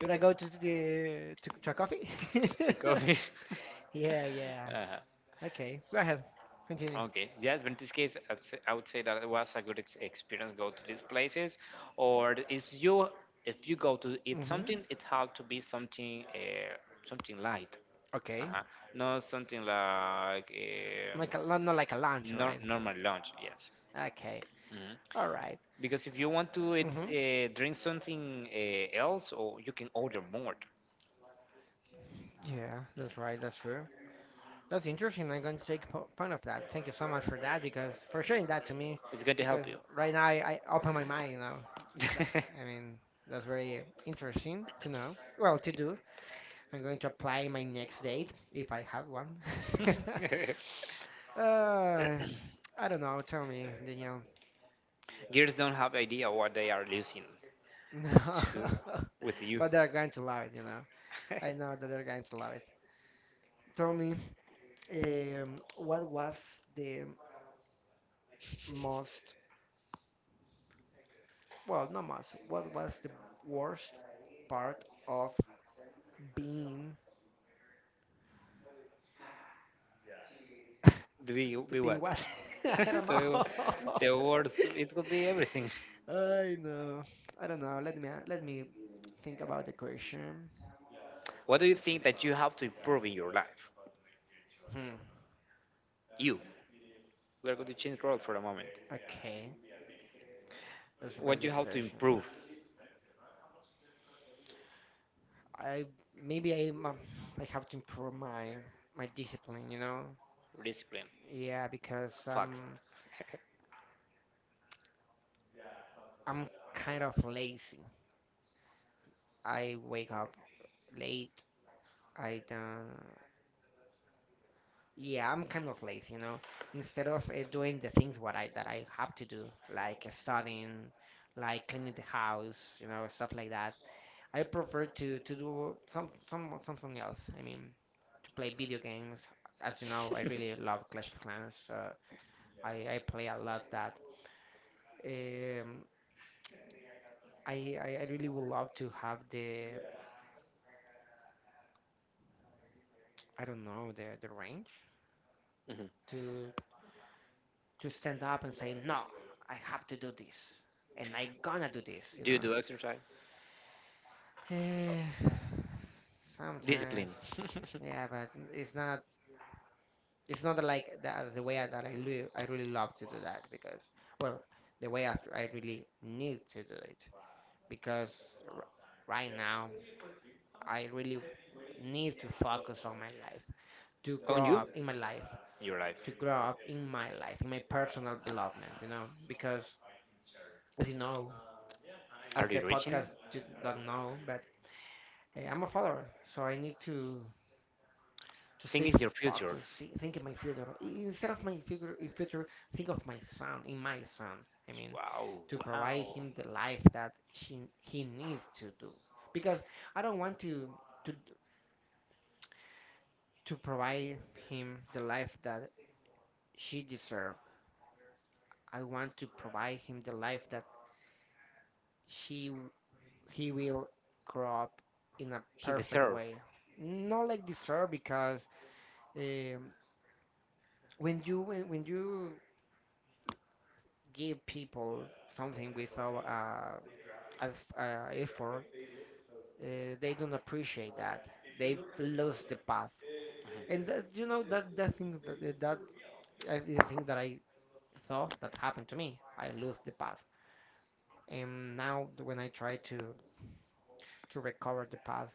You wanna go to the to a coffee?
to coffee. Yeah.
Yeah, yeah.
Uh,
Okay, go ahead, continue.
okay. Yeah, but in this case, I'd say, I would say that it was a good ex- experience. Go to these places, or if you go to eat something,
hmm
it had to be something something light.
Okay.
Uh-huh. Not something like
Like not like a lunch,
nor
right?
normal lunch. Yes.
Okay.
Mm-hmm.
All right.
Because if you want to it,
Mm-hmm.
drink something else, or you can order more.
Yeah, that's right. That's true. That's interesting. I'm going to take po point of that. Thank you so much for that because for sharing that to me.
It's going to
Because
help you.
right now I open my mind, you know. That I mean, that's very interesting to know. Well, to do. I'm going to apply my next date if I have one. Uh, I don't know. Tell me, Daniel.
Gears don't have idea what they are losing
No,
to with you.
but they're going to love it, you know. I know that they're going to love it. Tell me, what was the most, well, not most, what was the worst part of being,
Do you
to
be
being
what?
what? I don't know.
the, the words. It could be everything.
I know. I don't know. Let me think about the question.
What do you think that you have to improve in your life?
Hmm.
You. We are going to change role for a moment.
Okay, that's a very
What you
good
have to
question.
improve?
I maybe I have to improve my discipline. You know.
Discipline.
Yeah, because
Facts.
I'm kind of lazy. I wake up late. I don't. Yeah, I'm kind of lazy. You know. Instead of doing the things what I that I have to do, like studying, like cleaning the house, you know, stuff like that. I prefer to do something else. I mean, to play video games. As you know, I really love Clash of Clans. I play a lot that. Um, I really would love to have the I don't know the range
Mhm.
to to stand up and say no, I have to do this, and I gonna do this. You
Do you
know.
do exercise?
Eh, Sometimes,
Discipline.
yeah, but it's not. It's not that like the way I really love to do that because well, the way I really need to do it because r- right now I really need to focus on my life, to
On
grow
you?
up in my life,
Your life.
to grow up in my life, in my personal development, you know, because as you know, as
Are
the
you reaching?
podcast don't know, but I'm a father, so I need to stay
Thinking your future.
focused, think in my future. Instead of my future, in future, think of my son, in my son. I mean,
Wow,
to provide
wow.
him the life that he needs to do. Because I don't want to to provide him the life that she deserves. I want to provide him the life that she w- he will grow up in a
He
perfect
deserved.
way. Not like deserve because um, when you when you give people something without effort, they don't appreciate that. They lose the path. And that, you know that thing that the thing that I saw that happened to me. I lose the path, and now when I try to recover the path,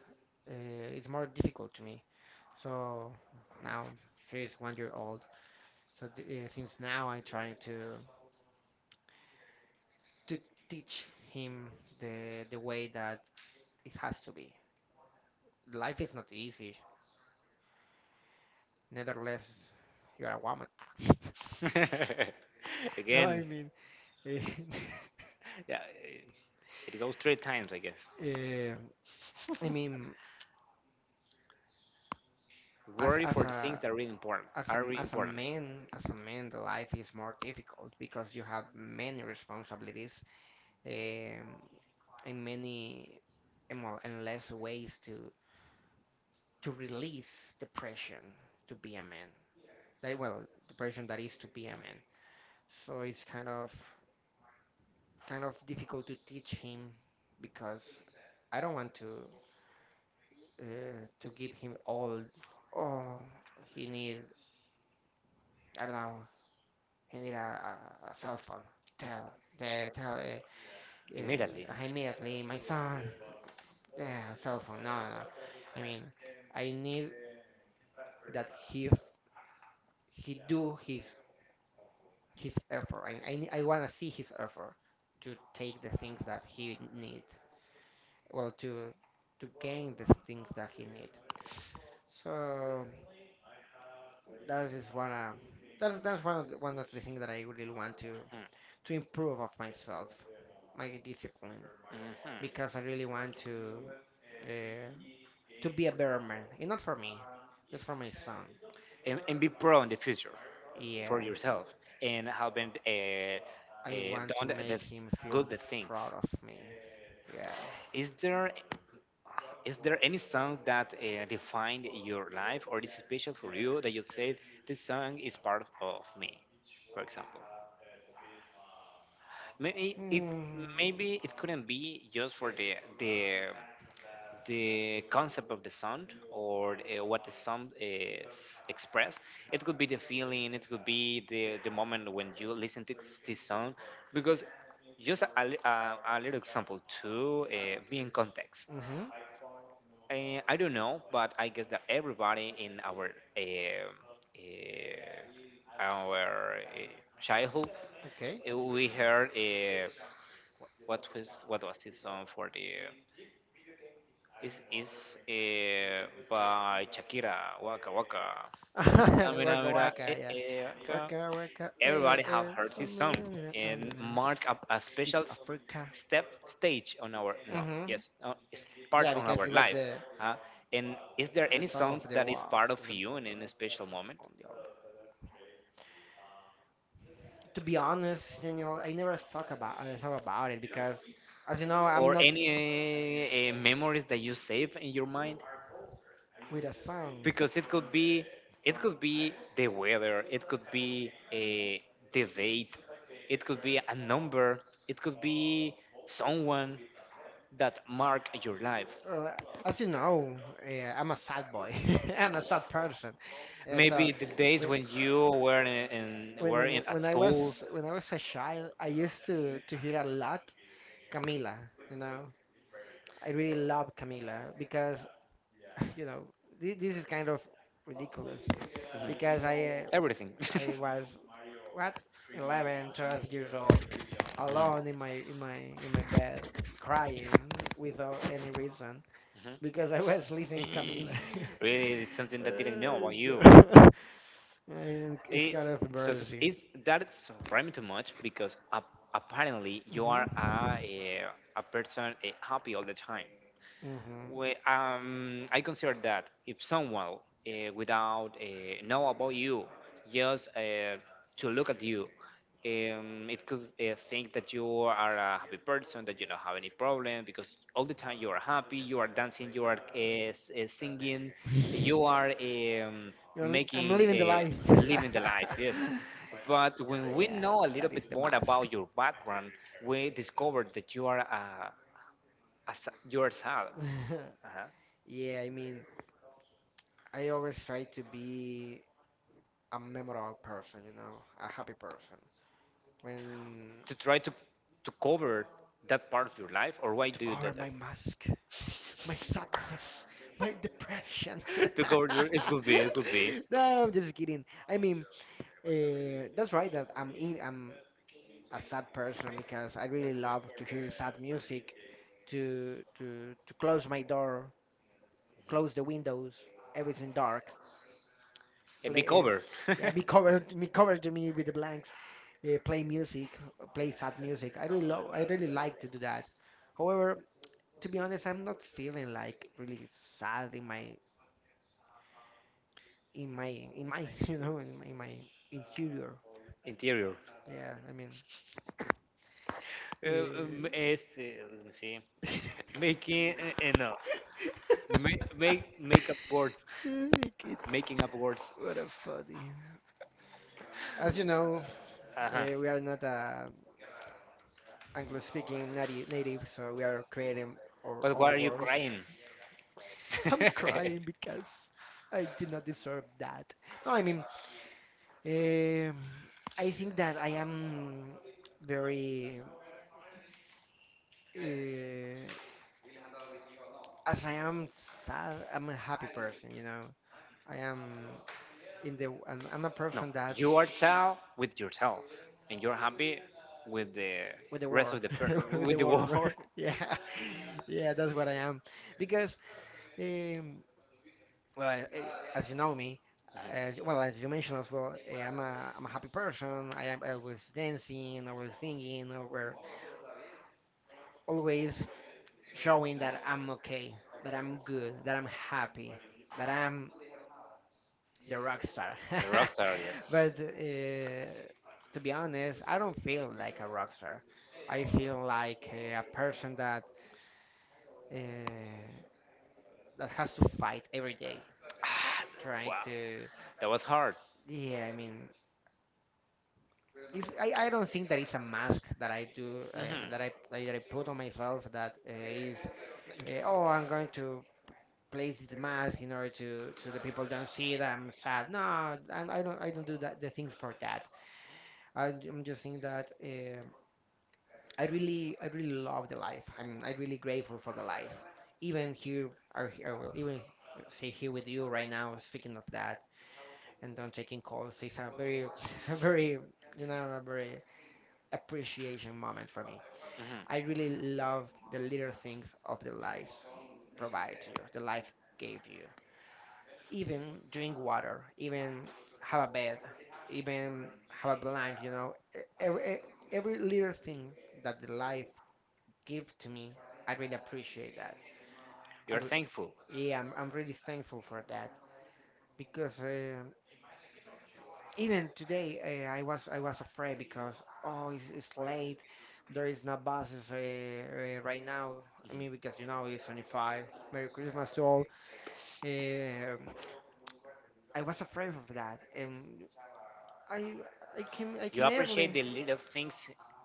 uh, it's more difficult to me. So now she's 1 year old. So since now I'm trying to teach him the way that it has to be. Life is not easy. Nevertheless, you're a woman.
Mhm.
No,
Again,
I mean, eh,
yeah, eh, it goes three times, I guess.
eh, I mean, as
Worry
as
for the things
a
that are really important. Are really important.
as a man, the life is more difficult because you have many responsibilities, um, and many, and well, and less ways to release depression to be a man. That well, depression that is to be a man. So it's kind of difficult to teach him because I don't want to give him all. Oh, he need I don't know. He need a cell phone. Tell the tell uh,
Immediately.
uh, immediately my son. Yeah, cell phone. No, no, no. I mean, I need that he do his effort. I wanna see his effort to take the things that he need. Well, to gain the things that he need. So that is one of that's that's one of one of the, things that I really want to
Mhm.
to improve of myself, my discipline,
Mhm.
because I really want uh, to be a better man, and not for me, just for my son.
And be pro in the future for
Yeah,
yourself and having
I want
done
to make
the
him
good
feel
the things.
proud of me. Yeah.
Is there is there any song that defined your life or is special for you that you said this song is part of me? For example, maybe it
Mm,
maybe it couldn't be just for the the concept of the sound or what the sound is expressed. It could be the feeling, it could be the moment when you listen to this sound. Because just a, a little example to be in context.
mm-hmm.
I don't know, but I guess that everybody in uh, uh, our childhood,
Okay.
okay, we heard what was this song for the is eh, by Shakira. Waka waka. Stamina,
Waka
mira,
waka,
eh,
yeah.
eh, waka.
Waka waka,
Everybody have heard his
Samina
song
mina
and
amina,
mark up a special
Africa.
step stage on our no
Mm-hmm.
yes it's part
Yeah,
on
because
our
it was
life.
the
Uh, and is there
the
any
song of
songs
the
that is
wall
part of you
of
in
the
any special moment
on the wall. To be honest, Daniel, I never thought about I thought about it because, as you know, I'm
or
not
any memories that you save in your mind?
with a song.
Because it could be the weather, it could be a the date, it could be a number, it could be someone that mark your life,
Uh, as you know, I'm a sad boy. I'm a sad person. So
maybe the days
when
when you were in, in
when
were in at school.
when I was a child, I used to hear a lot Camila. You know, I really love Camila because you know this is kind of ridiculous because I.
Mhm. Everything.
I was what 11, 12 years old, alone in my bed, crying without any reason
Mhm.
because I was listening
Mhm.
Camila.
Really it's something that didn't know about
And,
you.
uh, and it's kind
It's
of
so
embarrassing.
it's that's surprised too much because apparently you
hmm
are a, a person eh, happy all the time. We, I consider that if someone without know about you, just to look at you, it could think that you are a happy person, that you don't have any problem, because all the time you are happy, you are dancing, you are singing, you
hmm
are
I'm
making
living the life.
living the life. Yes. But when we
Yeah,
know a little
that is
bit
the
more
mask.
about your background, we discover that you are a, you are sad. Uh-huh.
Yeah, I mean, I always try to be a memorable person, you know, a happy person. When
To try to cover that part of your life, or why
to
do you do
cover
that?
my mask, my
My
sadness, my depression.
to cover your, it could be,
No, I'm just kidding. I mean, that's right that I'm a sad person because I really love to hear sad music. To close my door, close the windows, everything dark.
and be
Play,
covered.
yeah, be covered, be
Be
covered me with the
light.
blanks. Play music, play sad music. I really love, I really like to do that. However, to be honest, I'm not feeling like really sad in my in my in my interior.
Interior.
Yeah, I mean.
Eh,
Uh,
este, let me see. Making, eh, eh, no. Make, make, make up words.
Kid,
Making up words.
what a funny. As you know,
Uh-huh.
We are not
I,
Anglo-speaking native,
that,
native, so we are creating our
but why are
own
you
words.
crying? I'm
I'm
not.
crying because I did not deserve that. No, I mean, um I think that I am very, uh, as I am sad, I'm a happy person, you know. I am and I'm a
No,
person that
you are sad with yourself, and you're happy with the
with the
rest
world,
of the per-
with
with
the
the
world.
world.
Yeah, yeah, that's what I am. Because, um, Well, as you know me, as well as you mentioned as well, I'm a happy person. I am always dancing, always singing, always showing that I'm okay, that I'm good, that I'm happy, that I'm
Mhm.
the rock star.
The rock star, yes.
But to be honest, I don't feel like a rock star. I feel like a person uh, that has to fight every day, trying
Wow,
to.
that was hard.
Yeah, I mean, I,
Hmm
I don't think that it's a mask that I put on myself that is oh, I'm going to place this mask in order to the people don't see that I'm sad. No, I don't do that the things for that. I'm just saying that I really love the life. I'm really grateful for the life. Even here or here, well, even say here with you right now, speaking of that and don't taking calls, is a very a very you know a very appreciation moment for me. I
hmm.
really love the little things of the life provide to you, the life gave you. Even drink water, even have a bed, even have a blanket. Every little thing that the life gives to me, I really appreciate that. I
You're
re-
thankful.
yeah, I'm really thankful for that because even today, I was afraid because oh, it's late. There is no buses right now. I mean, because it's
Mhm.
only five. Merry Christmas to all. Um I was afraid of that, and I I came I
You
came
appreciate
early.
the little things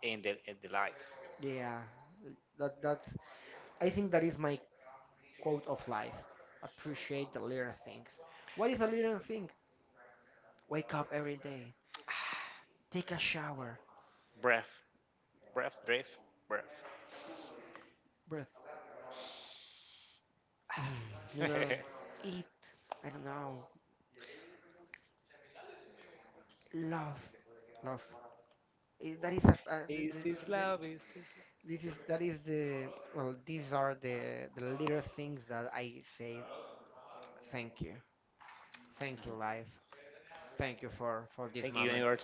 in the life.
Yeah, that that's I think that is my quote of life. Appreciate the little things. What is a little thing? Wake up every day. Take a shower.
Breath, breath, drift, breath.
Breath. you know, Eat, I don't know, love, love. Eh, That is a,
Hey,
the, this is that is the well these are the little things that I say thank you, thank you life, thank you for this
thank you,
moment,
universe,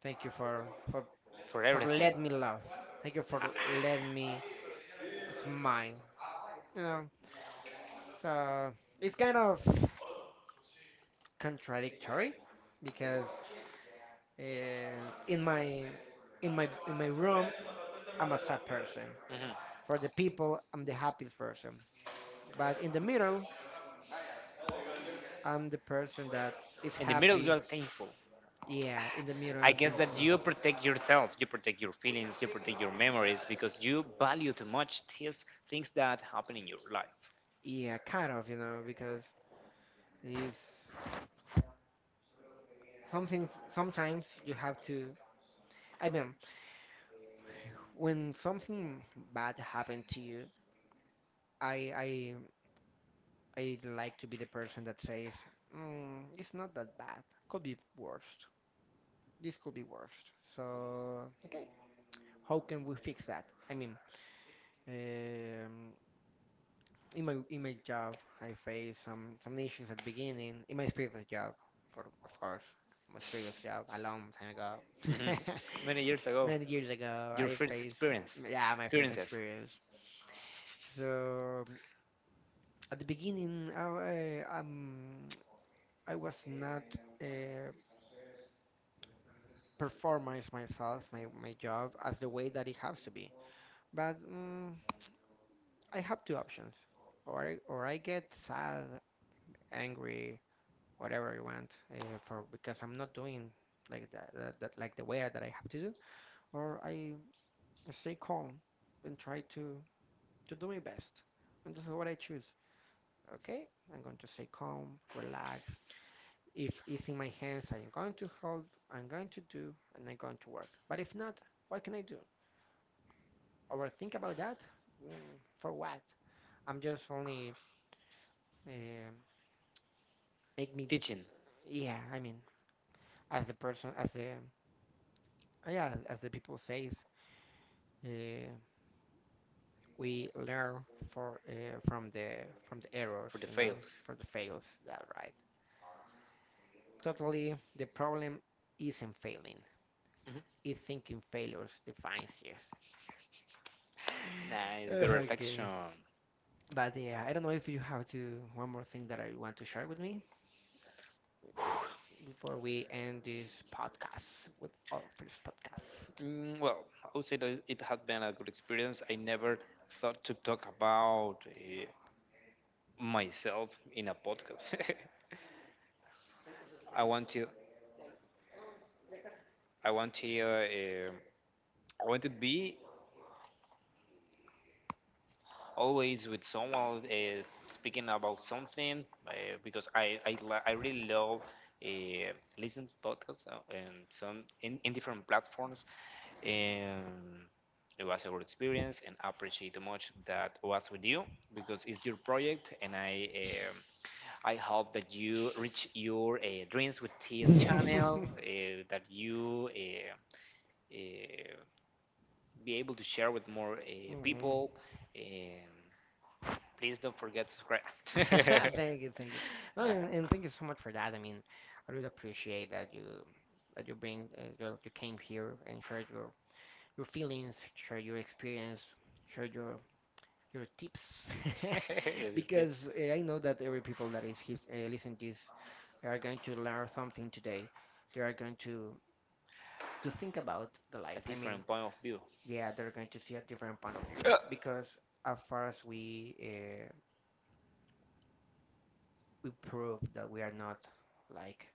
thank you for for
for
for
everything.
let me love, thank you for let me smile, you know. So it's kind of contradictory because uh, in my in my room I'm a sad person.
Mhm.
For the people, I'm the happiest person. But in the middle, I'm the person that is
In the middle,
happy.
you are thankful.
Yeah, in the middle, I
I guess
think
that
so.
you protect yourself, you protect your feelings, you protect your memories because you value too much these things that happen in your life.
Yeah, kind of, because it's something, sometimes you have to. I mean, when something bad happened to you, I, I, I like to be the person that says, it's not that bad. Could be worst. This could be worst." So, okay, how can we fix that? I mean, um, in my job, I faced some issues at the beginning. In my previous job, for of course, my previous job a long time ago,
Hmm. Many years ago,
many years ago,
your
I
first
faced,
experience,
yeah, my first
experiences,
experience. So at the beginning, I was not uh, performance myself my job as the way that it has to be. But I have two options, or I get sad, angry, whatever you want, for because I'm not doing like that like the way that I have to do, or I stay calm and try to do my best. And this is what I choose. Okay, I'm going to stay calm, relax. If it's in my hands, I'm going to hold, I'm going to do, and I'm going to work. But if not, what can I do? Overthink about that? For what? I'm just only uh, make me,
teaching
yeah. I mean, as the person, as the yeah, as the people says, uh, we learn for from the errors,
for the fails.
from the fails. That right. Totally, the problem isn't failing.
Mhm.
It's thinking failures defines you.
Nice, good reflection.
Okay. But yeah, I don't know if you have to one more thing that I want to share with me before we end this podcast with our first podcast.
Mm, well, I would say that it had been a good experience. I never thought to talk about myself in a podcast. I want to, I want to, uh, I want to be always with someone speaking about something because I really love listen to podcasts and some in different platforms, and it was a good experience, and I appreciate much that was with you because it's your project, and um, I hope that you reach your dreams with TS channel that you uh, be able to share with more
Hmm.
people. Um, Please don't forget to subscribe.
Thank you, thank you.
Uh,
No, and thank you so much for that. I mean, I really appreciate that you you came here and shared your feelings, share your experience, share your tips, because I know that every people that is his, listening to this are going to learn something today. They are going to think about the life. I
different
mean,
point of view.
yeah, they're going to see a different point of view, because as far as we prove that we are not like.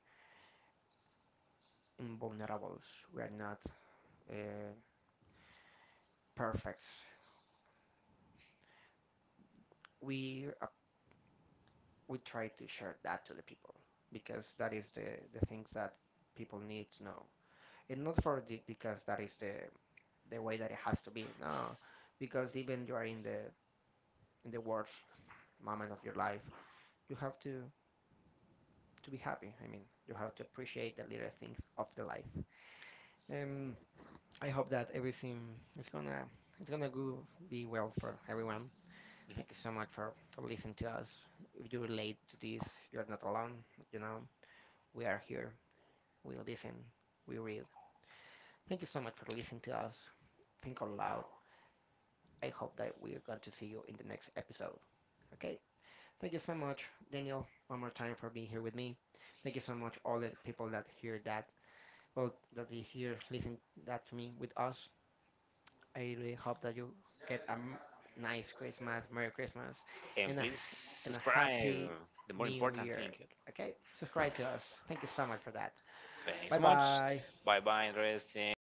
invulnerables. We are not uh, perfect. We uh, we try to share that to the people, because that is the things that people need to know, and not because that is the way that it has to be. No, because even you are in the worst moment of your life, you have to be happy. I mean, you have to appreciate the little things of the life. Um, I hope that everything is gonna it's gonna go be well for everyone.
Mhm.
Thank you so much for listening to us. If you relate to this, you're not alone. You know, we are here. We listen. We read. Thank you so much for listening to us. Think out loud. I hope that we are going to see you in the next episode. Okay. Thank you so much, Daniel, one more time for being here with me. Thank you so much, all the people well, that they hear, listen that to me with us. I really hope that you get a nice Christmas, Merry Christmas,
And
and a,
please
h- and a
subscribe.
Happy
The more
New
important thing.
Year. Okay? Subscribe to us. Thank you so much for that.
Thanks so
Bye
much.
bye.
Bye bye, Andres and